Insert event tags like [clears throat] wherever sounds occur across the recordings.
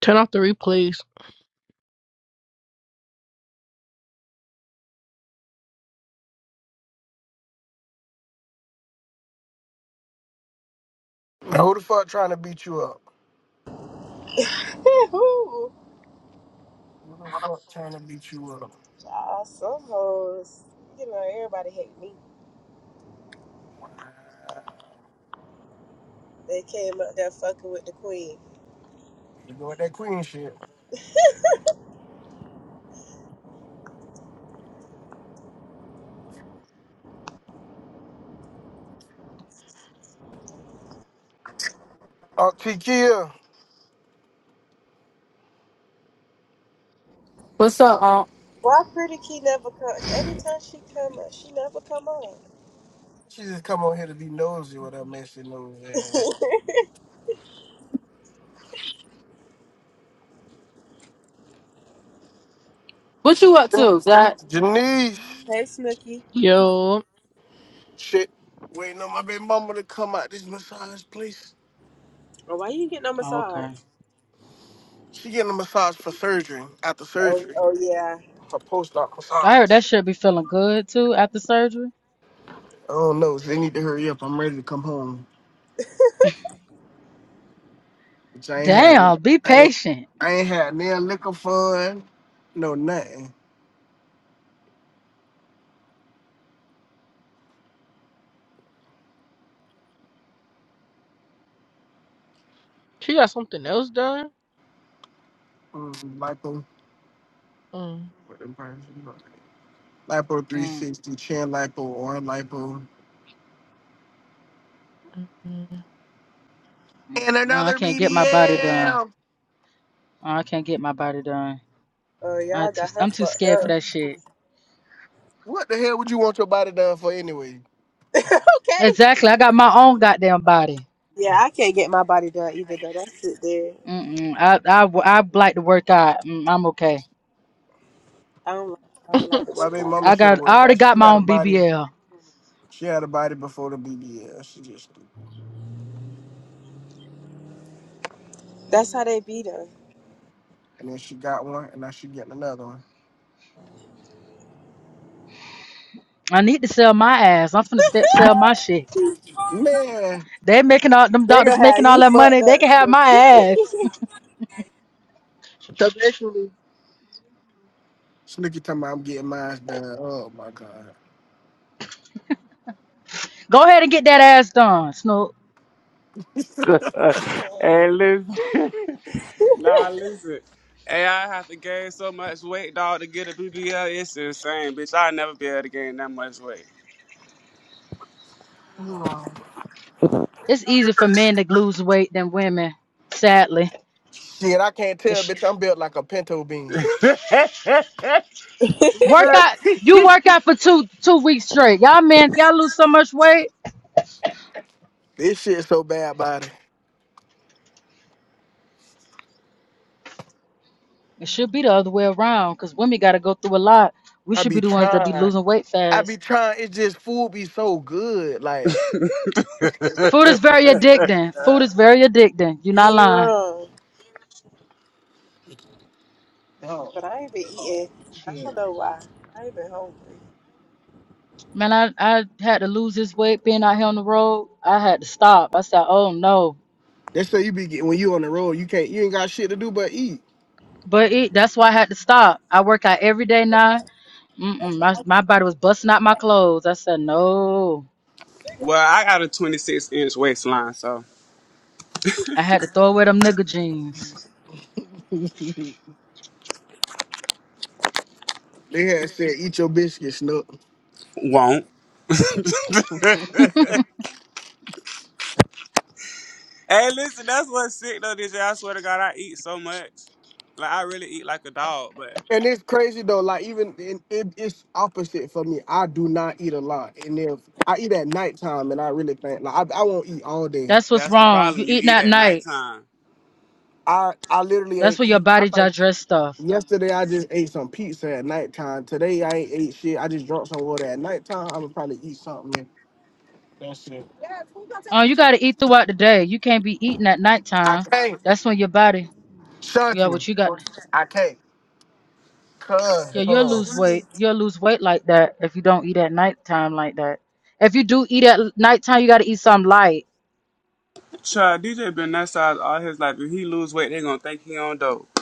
Turn off the replays. Now, who the fuck trying to beat you up? [laughs] Woo! Who the fuck trying to beat you up? Child, some hoes, you know, everybody hate me. They came up there fucking with the queen. You go with that queen shit. Oh, Tikia, What's up, um? Why Pretty Key never come? Every time she come up, she never come on. she just come on here to be nosy with her messy nose ass. [laughs] What you up to, Zach? Janice, hey, Snooky. Yo, shit, waiting on my baby mama to come out this massage place. Oh, why you ain't get no massage? She getting a massage for surgery, after Oh, surgery, oh yeah. her post-op I massage. heard that shit be feeling good too after surgery. I don't know, so they need to hurry up. I'm ready to come home, which I ain't had. Damn, be I ain't, patient. I ain't had no liquor fun, no nothing. she got something else done. Mm, Like them, Mm, with them prices. you know. Lipo Mm, 360, Chan Lipo, or Lipo. mm, mm. And oh, I another can't get my body done. BBL. Oh, I can't get my body done. Oh, I y'all too, got her I'm fucked too scared for up. that shit. What the hell would you want your body done for anyway? Okay. Exactly. I got my own goddamn body. Yeah, I can't get my body done either, though. That's it there. Mm-mm, I, I, I like to work out. Mm, I'm okay. I don't, like- I don't like [laughs] to My work baby out. mama I should got. have I worked. already Now got she my had a own body. BBL. She had a body before the BBL. She just That's how they beat us. and then she got one, and now she getting another one. I need to sell my ass. I'm finna st- sell my shit. Man, They making all them They gonna doctors have making all you that money. fucked They up, can have my Snooky. ass. So basically, Snooki talking about I'm getting mine done. Oh my god. [laughs] Go ahead and get that ass done, Snoop. [laughs] [laughs] hey, listen. [laughs] nah, listen. Hey, I have to gain so much weight, dog, to get a BBL. It's insane, bitch. I'll never be able to gain that much weight. It's easier for men to lose weight than women. Sadly, Shit, I can't tell, it's bitch. I'm built like a pinto bean. [laughs] You work know? out. You work out for two two weeks straight. Y'all men, y'all lose so much weight. This shit so bad, body. It should be the other way around because women got to go through a lot. We I should be be the ones that be trying. losing weight I be fast. trying. It's just food be so good, like. Food is very addicting. Food is very addicting. You're [laughs] not you lying. wrong. But I ain't been eating. I don't Shit. know why. I ain't been hungry. Man, I, I had to lose this weight being out here on the road. I had to stop. I said, oh no. They say you be getting when you on the road, you can't you ain't got shit to do but eat. But it, that's why I had to stop. I work out every day now Mm-mm, my my body was busting out my clothes. I said no. well, I got a 26 inch waistline, so I had to throw away them nigga jeans. [laughs] they had said eat your biscuits, Snook. won't. Hey, listen, that's what's sick though this year. I swear to God, I eat so much. Like I really eat like a dog, but And it's crazy though, like even it, it, it's opposite for me. I do not eat a lot. And if I eat at nighttime and I really think like I, I won't eat all day. That's what's that's the wrong. You problem. You eating eat at at night. nighttime. I, I literally That's ain't when your eat. I body think digests stuff. yesterday I just ate some pizza at nighttime. Today I ain't ate shit. I just drank some water at nighttime. I would probably eat something. and shit. Oh, you gotta eat throughout the day. You can't be eating at I nighttime. can't. That's when your body. Yeah, what Shunting. you got? I can't. Cuz. Yeah, Hold you'll on. lose weight. You'll lose weight like that if you don't eat at nighttime like that. If you do eat at nighttime, you gotta eat something light. Child, DJ been that size all his life. If he lose weight, they gonna think he on dope. [laughs]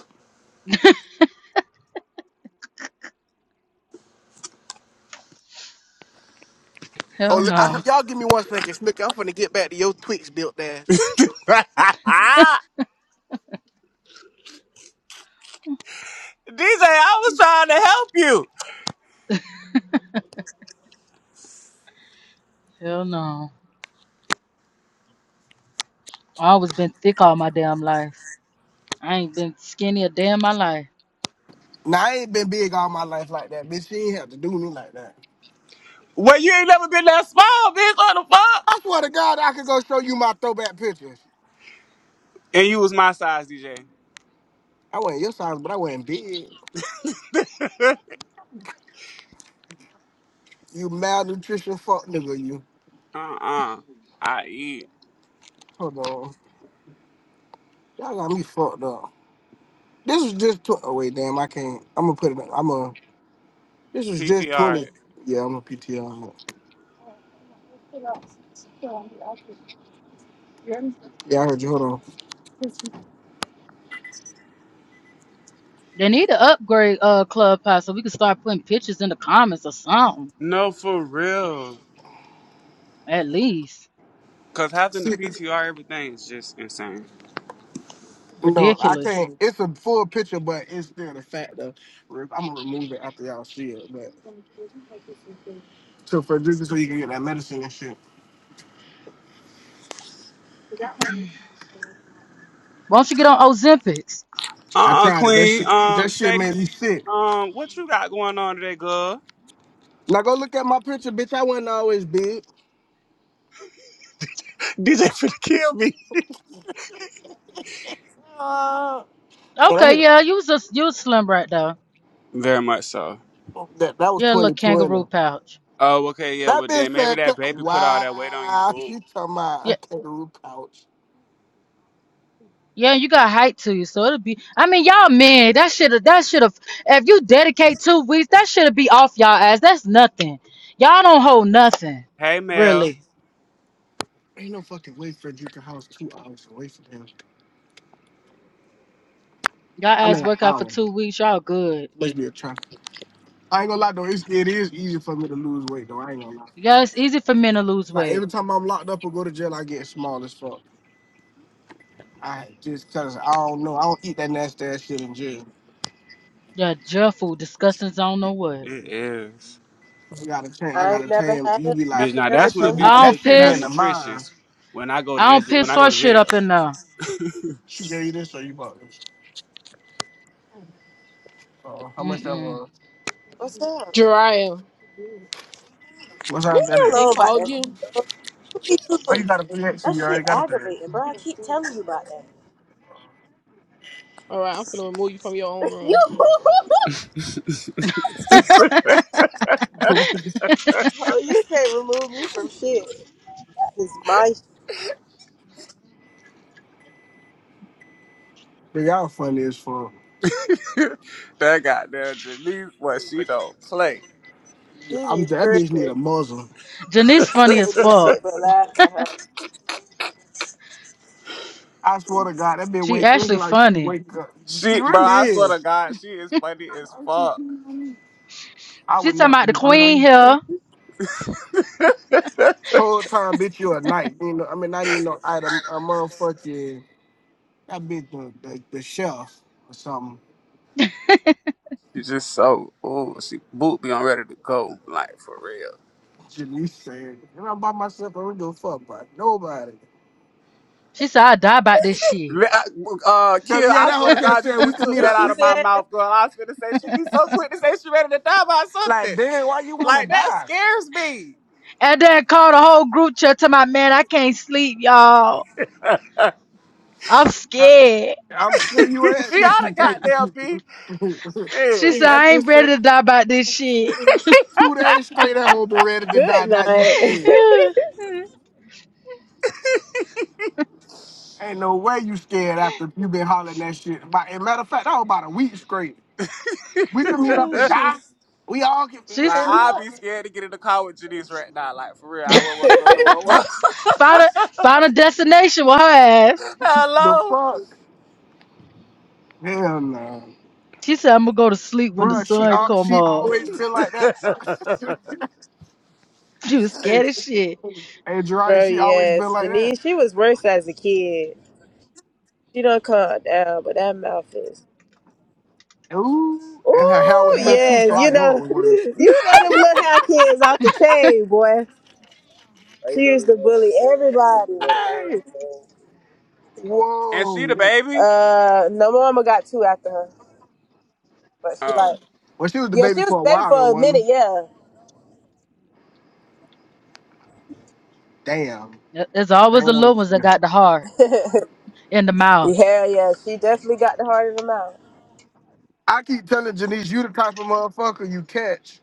Oh, Hell li- I, ho- no. y'all give me one second, Snooki. I'm finna get back to your Twitch built ass. DJ, I was trying to help you. Hell no. I always been thick all my damn life. I ain't been skinny a day in my life. Now I ain't been big all my life like that, bitch. She ain't have to do me like that. Well, you ain't never been that small, bitch. What the fuck? I swear to God, I could go show you my throwback pictures. And you was my size, DJ. I wasn't your size, but I wasn't big. You malnutrition fuck nigga, you. Uh-uh. I eat Hold on, y'all got me fucked up. This was just tw- oh wait, damn, I can't. I'm gonna put it. I'm going to This was just twenty. PTR. Yeah, I'm a PTR. Yeah, I heard you. Hold on. They need to upgrade uh Clubhouse so we can start putting pictures in the comments or something. No, for real. At least. Cause having the See. PTR everything is just insane. No, I Ridiculous. can't. It's a full picture, but it's still the fact of I'm gonna remove it after y'all see it. But so for drinking, so you can get that medicine and shit. Why don't you get on Ozempics? I Uh-uh, tried it. That Queen. shit, that Um, shit made me Sadie's sick. um, what you got going on today, girl? Now go look at my picture, bitch. I wasn't always big. DJ finna kill me. Uh, and I Okay, hit, yeah, you was a, you was slim right though. Very much so. that that was Yeah, little kangaroo 2020. pouch. Oh, okay, yeah. That Well, then bitch maybe said, that "Cut- baby put all that weight on you, "Wow, she boo. talking about a Yeah, kangaroo pouch." yeah, you got height to you, so it'll be. I mean, y'all men, that should that should have. If you dedicate two weeks, that should be off y'all ass. That's nothing. Y'all don't hold nothing, Hey, Mel. really. Ain't no fucking way for Drinker House two hours away from him. Y'all I'm ass in an work out for hour. two weeks, y'all good. Must be a traffic. I ain't gonna lie though, it's, it is easy for me to lose weight though. I ain't gonna lie. Yeah, it's easy for men to lose Like weight. every time I'm locked up or go to jail, I get small as fuck. I just cause I don't know. I don't eat that nasty ass shit in jail. Yeah, Jeffel discussing I don't know what. It is, I gotta change. I I ain't gotta never tame. had You it, and be I like bitch. ain't Now never that that's when a shit. gonna Be bitch have be I that it. don't looking shit be in piss. the mind. malnutritious. When I go to I don't that, when piss I go or to shit jail, up in there. She gave you this or you bought this. Oh, how much that Mm was? What's up? Jariah, What's Leave that me that is? they alone about called that you. shit, bro. You Oh, you too- got a three X and That you already shit got a three aggravating, bro. I keep telling you about that. All right, I'm gonna remove you from your own [laughs] You, room. mm. X. [laughs] oh, you can't remove me from shit. It's my shit. But y'all funny as fuck. [laughs] that goddamn Janice, what she don't play. You I'm be that bitch need tripping. a muzzle. [laughs] Janice You funny as can't do fuck. shit but laugh at her. I swear to God, that bitch She wake is actually like she funny. wake up. She She, bro, really I swear to is. God, she is funny as fuck. I She would talking about the never. queen here. Whole time, bitch, you a knight. You know, I mean, not even no item. A motherfucking that bitch, the, the, the chef or something. She just so, oh, she boot be on ready to go, like for real. Janice said, and I'm by myself. I don't give a fuck about nobody. She said I die about this shit. Le- Uh, But Kill, yeah, I that swear whole to cat God, you said we just could took meet And that up. she out We of my said, mouth, girl. I was gonna say she be so quick to say she ready to die by like, something. damn, why you wanna Like that die? scares me. And then called the whole group chat to my man. I can't sleep, y'all. I'm I, scared. I'm sure you [laughs] had she [laughs] bitch. oughta you goddamn crazy. be. She Yeah. [laughs] said that I bitch ain't ready said to die about this shit. two days straight. That whole been ready to die. "Good Now you [laughs] night, scared. Ain't no way you scared after you been hollering that shit. About, and matter of fact, that was about a week straight. We can meet up oh and [laughs] shit. die. We all can like She's man, I'd what? be scared to get in the car with Janice right now. Like for real, I wouldn't want to [laughs] go nowhere. found a found a destination with her ass. [laughs] [laughs] The Hello, fuck? Hell no. She said, I'm gonna go to sleep when the Bruh, she sun al- come she up. always been like that. [laughs] [laughs] She was hey, hey scared as shit. [laughs] Jariah, bro." she always been Yes, like that. Janine. She was worse as a kid. She don't calm down, but that mouth is. Ooh. And her hair Ooh, was a little too, so yes. I You knew it know, [laughs] was worse. you know them little high kids out the chain, boy. She used to bully everybody. Hey! and she the Whoa. baby. Uh, no, my mama got two after her, but she Oh, like, Well, she was the yeah, baby she was for a a baby while though, for a minute, wasn't she? yeah. Damn. There- There's always the Damn, little ones that damn. got the heart [laughs] in the mouth. yeah, yeah, she definitely got the heart of the mouth. I keep telling Janice, you the type of motherfucker you catch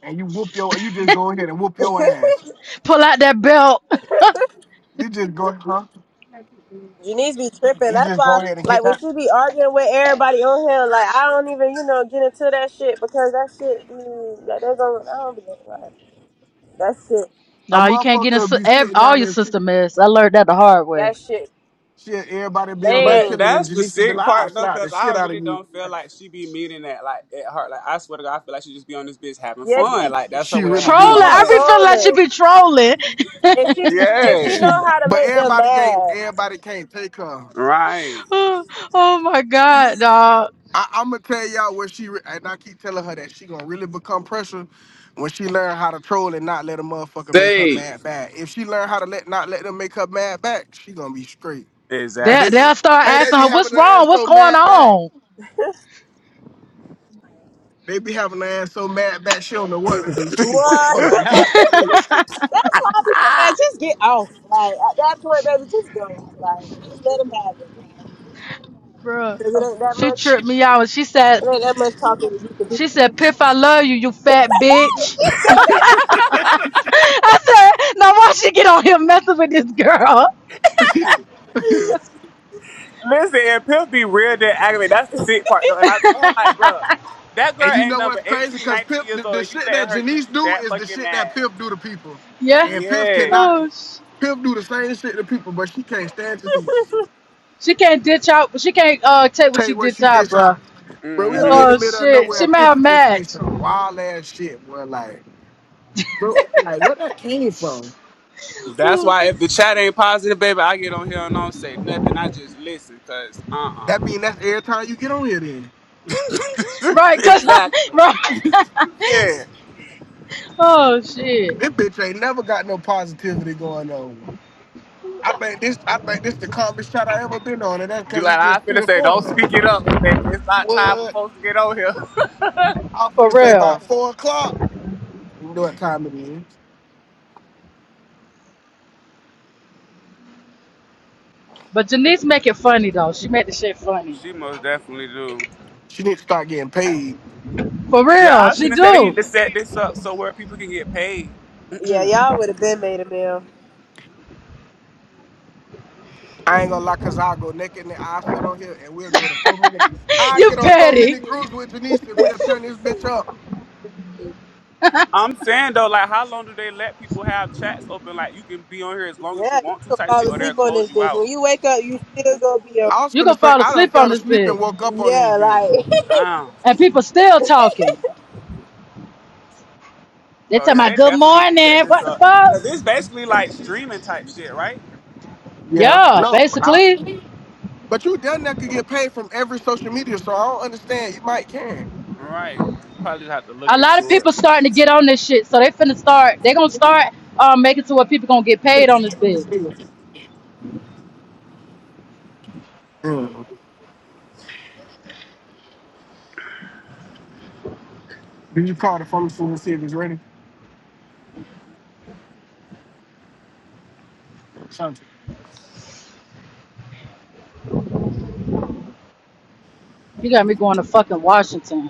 and you whoop your you just go ahead and whoop your [laughs] ass. Pull out that belt. [laughs] You just go, huh? Janice be tripping. You That's just why, go ahead and like, get when that. she be arguing with everybody on here, like, I don't even, you know, get into that shit because that shit, be, that they gonna, I don't be like, that shit, A No, you can't get in motherfucker si- be ev- sitting all down your there, shit, sister mess. I learned that the hard way. that shit, shit, everybody be on that lame. but chilling, and that's the Janice be sick like, I'll part though, slap the cause I shit out of really you. don't feel like she be meaning that. Like at heart, like I swear to God, I feel like she just be on this bitch having Yes, fun. she Like that's her She way of really Trolling. having She be do. I fun. [laughs] be feeling like she trolling. be trolling. And she [laughs] and she She, know Yes, how to but make them everybody can't, mad. everybody can't take her. right, oh, oh my god, dog. I, I'm gonna tell y'all where she, re- and I keep telling her that she gonna really become pressure when she learn how to troll and not let a motherfucker make her Say, mad back. If she learn how to let not let them make her mad back, she gonna be straight. Cause They, they, exactly. they'll start hey, they asking be her, having what's their wrong? ass What's so going mad back. on? They be having her ass so mad that she don't know what to do. She be wanting to What? pull her hat, man. [laughs] That's why I be saying, guys, just get off. Like at that point, baby, just go. Like just let them have it. Bruh. Cause it ain't that She much. tripped me out. She said, It ain't that much talking you can do. she said, Piff, I love you, you fat bitch. [laughs] [laughs] I said, now why she get on here messing with this girl? [laughs] Listen, and Pimp be real dead aggravated. That's the sick part though. And I told him like, bro, that girl and you ain't know number what's crazy? 18, Cause 19 Pimp, years the, old, the and you shit letting that her get Janice you do that is the fucking shit that mad. Pimp do to people. Yeah. And Pimp Yes. cannot, Oh, sh- Pimp do the same shit to people, but she can't stand Janice. she can't ditch out. She can't uh take what she Take what ditch she out, did bruh. out. Bro, we'll be hmm in the Oh middle of shit, nowhere, she and made Pimp have would just say match. some wild ass shit, boy. Like, bro, like where that came from? [sighs] That's Ooh. why if the chat ain't positive, baby, I get on here and don't say nothing. I just listen, cause uh uh That mean that's every time you get on here then. [laughs] Right, cause [laughs] exactly. right. [laughs] Yeah. oh shit, This bitch ain't never got no positivity going on. I think this I think this the calmest shot I ever been on, and that's You because like it's I just three finna or say don't four of us. speak it up, cause baby, it's not time for What? folks to get on here. [laughs] I'm for finna say real. about four o'clock. You know what time it is. But Janice make it funny though. She make the shit funny. She most definitely do. She need to start getting paid. For Yeah, real, I was she finna say they need do. to set this up so where people can get paid Yeah, y'all would have been made a meal. I ain't gonna lie, cause I'll go naked and I'll sit on here and we'll go to so many [laughs] I you get on so petty. many groups with Janice and we'll turn this bitch up. I'm saying though, like, how long do they let people have chats open? Like, you can be on here as long as you Yeah, you want to, could type shit, fall or they'll asleep on close this you bitch. out. When you wake up, you still gonna be on. I was You gonna finna say fall I done asleep on fell this asleep bitch. and woke up on this Yeah, bitch. like Damn. And people still talking. They Oh tell yeah, my they good definitely need to set morning. this What the up. fuck? 'Cause this basically like streaming type shit, right? Yeah. Yeah, No, but I, basically. but you done that could get paid from every social media, so I don't understand. You might can. Right. Probably have to look a lot of into people it. starting to get on this shit, so they finna start. They gonna start um, making to where people gonna get paid on this bitch. Mm. Did you call the phone soon and see if it's ready? Something. You got me going to fucking Washington.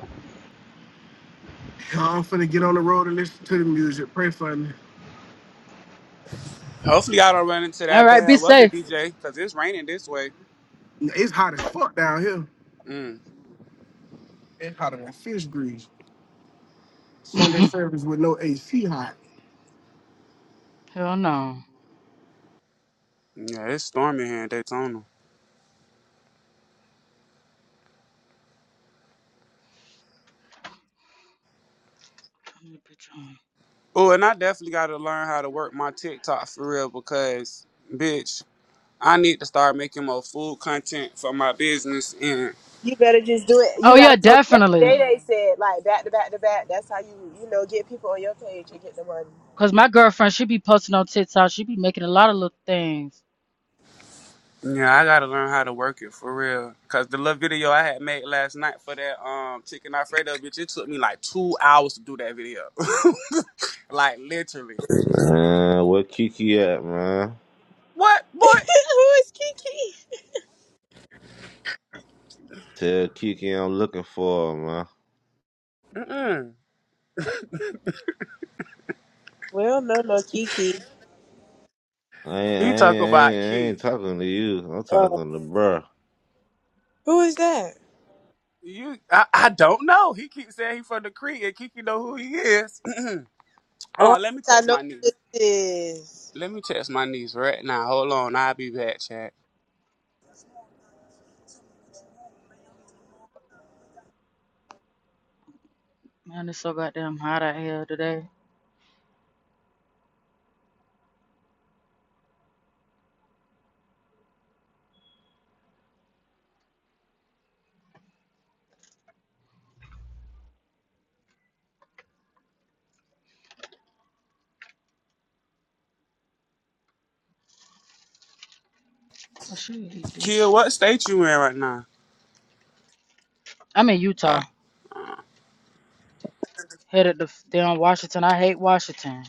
I'm finna get on the road and listen to the music. Pray for me. Hopefully, I don't run into All that right, bad be weather, safe. DJ, because it's raining this way. It's hot as fuck down here. Mm. It's hotter than fish grease. Sunday service with no AC hot. Hell no. Yeah, it's storming here in Daytona. Turn that bitch on. Oh, and I definitely got to learn how to work my TikTok for real because, bitch, I need to start making more food content for my business and. [laughs] you better just do it. You Oh yeah, gotta post definitely. every day. They said like back to back to back. That's how you you know get people on your page and get the money. Cause my girlfriend, she be posting on TikTok. She be making a lot of little things. Yeah, I gotta learn how to work it for real. Cause the little video I had made last night for that um chicken Alfredo bitch, it took me like two hours to do that video. [laughs] like literally. Man, where Kiki at, man? What boy? [laughs] who is Kiki? Tell Kiki I'm looking for her, man. Mm-mm. Well, no, no Kiki. I ain't, I He ain't, talk I ain't, about I Key. ain't talking to you. I'm Uh, talking to bruh. who is that? You, I, I don't know. He keeps saying he from the creek, and Kiki know who he is. [clears throat] Oh, Uh, let me I think I text know my who niece. this is. Let me text my niece right now. Hold on, I'll be back, chat. Man, it's so goddamn hot out here today. I should eat this Kia, shit. what state you in right now? I'm in Utah, headed to f- down Washington. I hate Washington.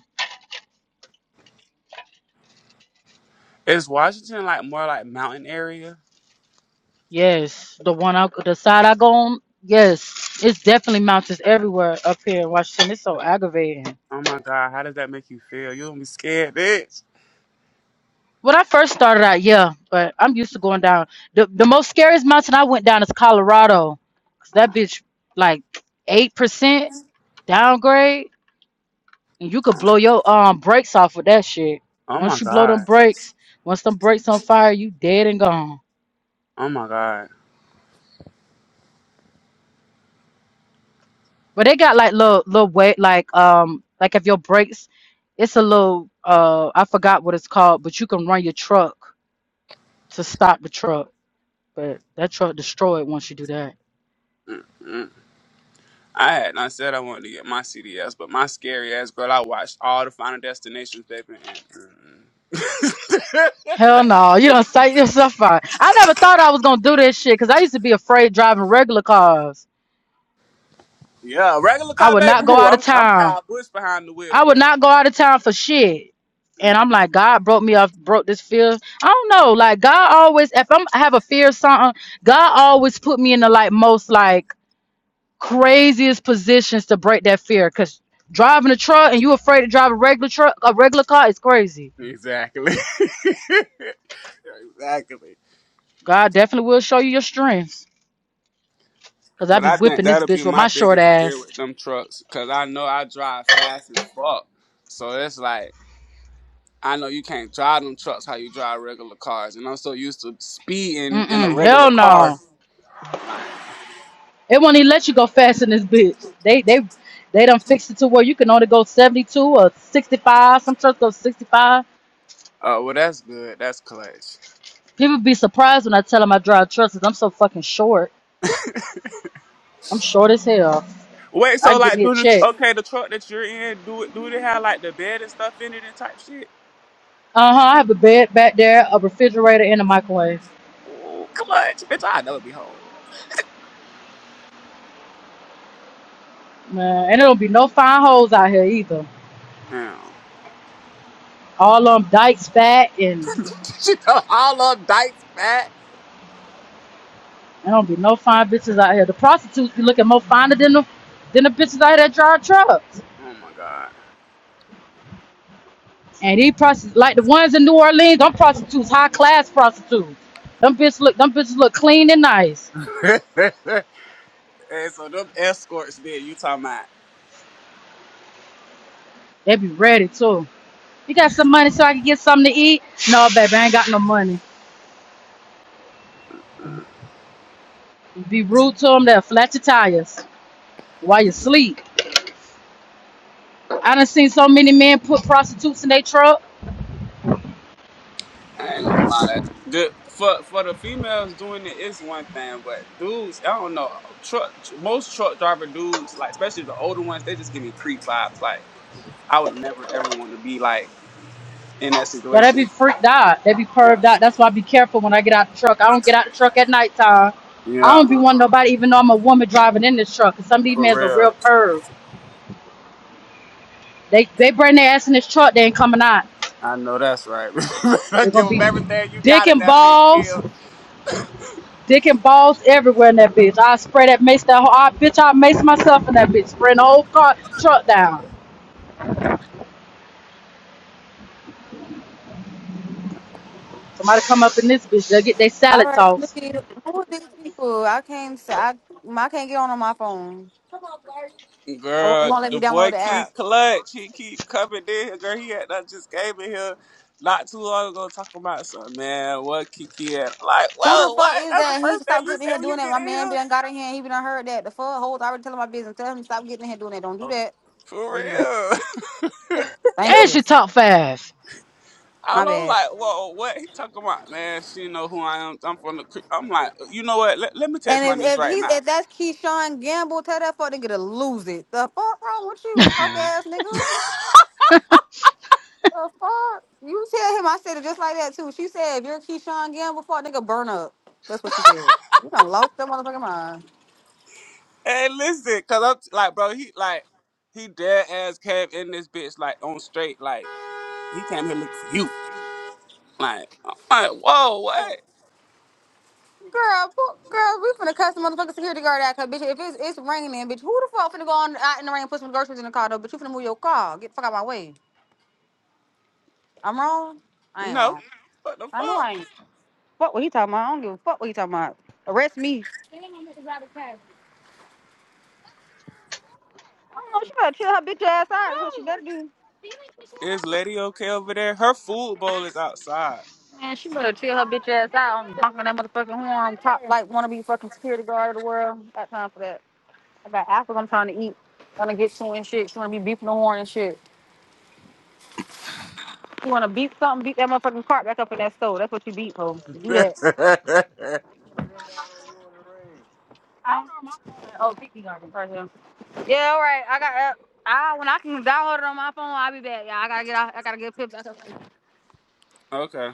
Is Washington like more like mountain area? Yes, the one I, the side I go on. Yes, it's definitely mountains everywhere up here in Washington. It's so aggravating. Oh my God, how does that make you feel? You don't be scared, bitch. When I first started out, yeah, but I'm used to going down. The the most scariest mountain I went down is Colorado, 'cause that bitch like eight percent downgrade, and you could blow your um brakes off with that shit. Oh my Once you blow them God. brakes, once them brakes on fire, you dead and gone. Oh my God. But they got like little little weight like um like if your brakes it's a little uh I forgot what it's called, but you can run your truck to stop the truck. But that truck destroyed once you do that. Mm-mm. I had not said I wanted to get my CDS, but my scary ass girl, I watched all the Final Destinations, baby. And, mm-mm. Hell no, you don't sight yourself out. I never thought I was gonna do this shit because I used to be afraid driving regular cars. [laughs] yeah, regular I car, would baby. not go Who? out of I'm, I'm town. Kyle Bush behind the wheel, I would but not go out of town for shit. mm, And I'm like, God broke me off, broke this fear. I don't know. Like God always, if I'm I have a fear of something, God always put me in the like most like craziest positions to break that fear because driving a truck and you afraid to drive a regular truck a regular car is crazy exactly, [laughs] exactly. god definitely will show you your strengths because i But be I think whipping this that'll be bitch with my my short biggest fear ass with them trucks, cause I know I drive fast as fuck. So it's like. I know you can't drive them trucks how you drive regular cars, and I'm so used to speeding in a mm-mm regular hell car. no Like, it won't even let you go fast in this bitch they they they done fixed it to where you can only go 72 or 65 some trucks go 65 oh well, that's good. That's clutch. people be surprised when i tell them i drive trucks. because 'cause i'm so fucking short i'm short as hell Wait, i so can get like, me a do the check okay the truck that you're in do it? Do they have like the bed and stuff in it and type shit? uh-huh i have a bed back there a refrigerator and a microwave Ooh, clutch, bitch! I never be home. Man, and there don't be no fine hoes out here either. Damn, All them dykes fat and [laughs] she done all of Dykes back. there don't be no fine bitches out here. The prostitutes be looking more finer than the than the bitches out here that drive trucks. Oh my god. And these prostitutes like the ones in New Orleans, them prostitutes, high class prostitutes. Them bitches look them bitches look clean and nice. [laughs] and so them escorts, then you talking about? They be ready too. You got some money so I can get something to eat? No, baby, I ain't got no money. Be rude to them, they'll flat your tires while you sleep. I done seen so many men put prostitutes in their truck. I ain't gonna lie. That the, for for the females doing it is one thing, but dudes, I don't know. Truck most truck driver dudes, like especially the older ones, they just give me creep vibes. Like I would never ever want to be like in that Yeah, they be situation. freaked out. They be Yeah, perved out. That's why I be careful when I get out the truck. I don't get out the truck at nighttime. I yeah, don't be wanting uh-uh. nobody, even though I'm a woman driving in this truck. 'Cause some of these for men's are real real. perv. They they bring their ass in this truck, they ain't coming out. I know that's right. They're [laughs] give gonna them be everything you dick got in and that balls, bitch dick and balls everywhere in that bitch. I spray that mace that whole I, bitch. I mace myself in that bitch. Spray the whole car truck down. Somebody come up in this bitch, they'll get their All salad right, tossed. Snooki, who are these people? I can't. s- I I can't get on on my phone. I won't, it Girl, won't let me the download boy the keep app. clutch. He keep coming in here. Girl, he had I just came in here not too long ago talking about something, man. What Kiki had like, Who the whoa, fuck what? is That's the that? He first thing stop you getting in say here when you doing that. get My in man here? been got in here. and He been heard that. The fuck hoes already telling my business. Tell him to stop getting in here doing that. Don't do that. Don't do that. For real. [laughs] Thank Damn, you. she talk fast. My And I'm bad. like, whoa, what he talking about, man? She know who I am. I'm from the. cre- I'm like, you know what? Let, let me text my And if niece if he right now. if that's Keyshawn Gamble, tell that fuck nigga to lose it. The fuck wrong with you, broke ass nigga? The fuck? You tell him I said it just like that too. She said, if you're Keyshawn Gamble, fuck nigga, burn up. That's what she said. You done lost your motherfucking mind. And listen, cause I'm t- like, bro, he like, he dead ass came in this bitch like on straight, like he came here looking for you. Like, I'm like, whoa, what? Girl, pu- girl, we finna cuss the motherfucking security guard out, cause bitch, if it's it's raining, bitch, who the fuck finna go on out in the rain and put some groceries in the car though? But you finna move your car. Get the fuck out my way. I'm wrong. I ain't No. wrong. What the I know fuck? fuck what he talking about. I don't give a fuck what he talking about. Arrest me. I don't know. She better chill her bitch ass out. Is what she better do. Is Lady okay over there? Her food bowl is outside. Man, she better chill her bitch ass out and honking that motherfucking horn, top like wannabe fucking security guard of the world. Got time for that. I got apples I'm trying to eat. Trying to get to and shit. She wanna be beeping the horn and shit. You wanna beep something, beat that motherfucking cart back up in that store. That's what you beat, ho. Do [laughs] that. I don't know my phone. Oh, Kiki got it. Right here. Yeah, all right. I got uh, I when I can download it on my phone, I'll be back. Yeah, I gotta get out. I gotta get pips. I gotta Okay.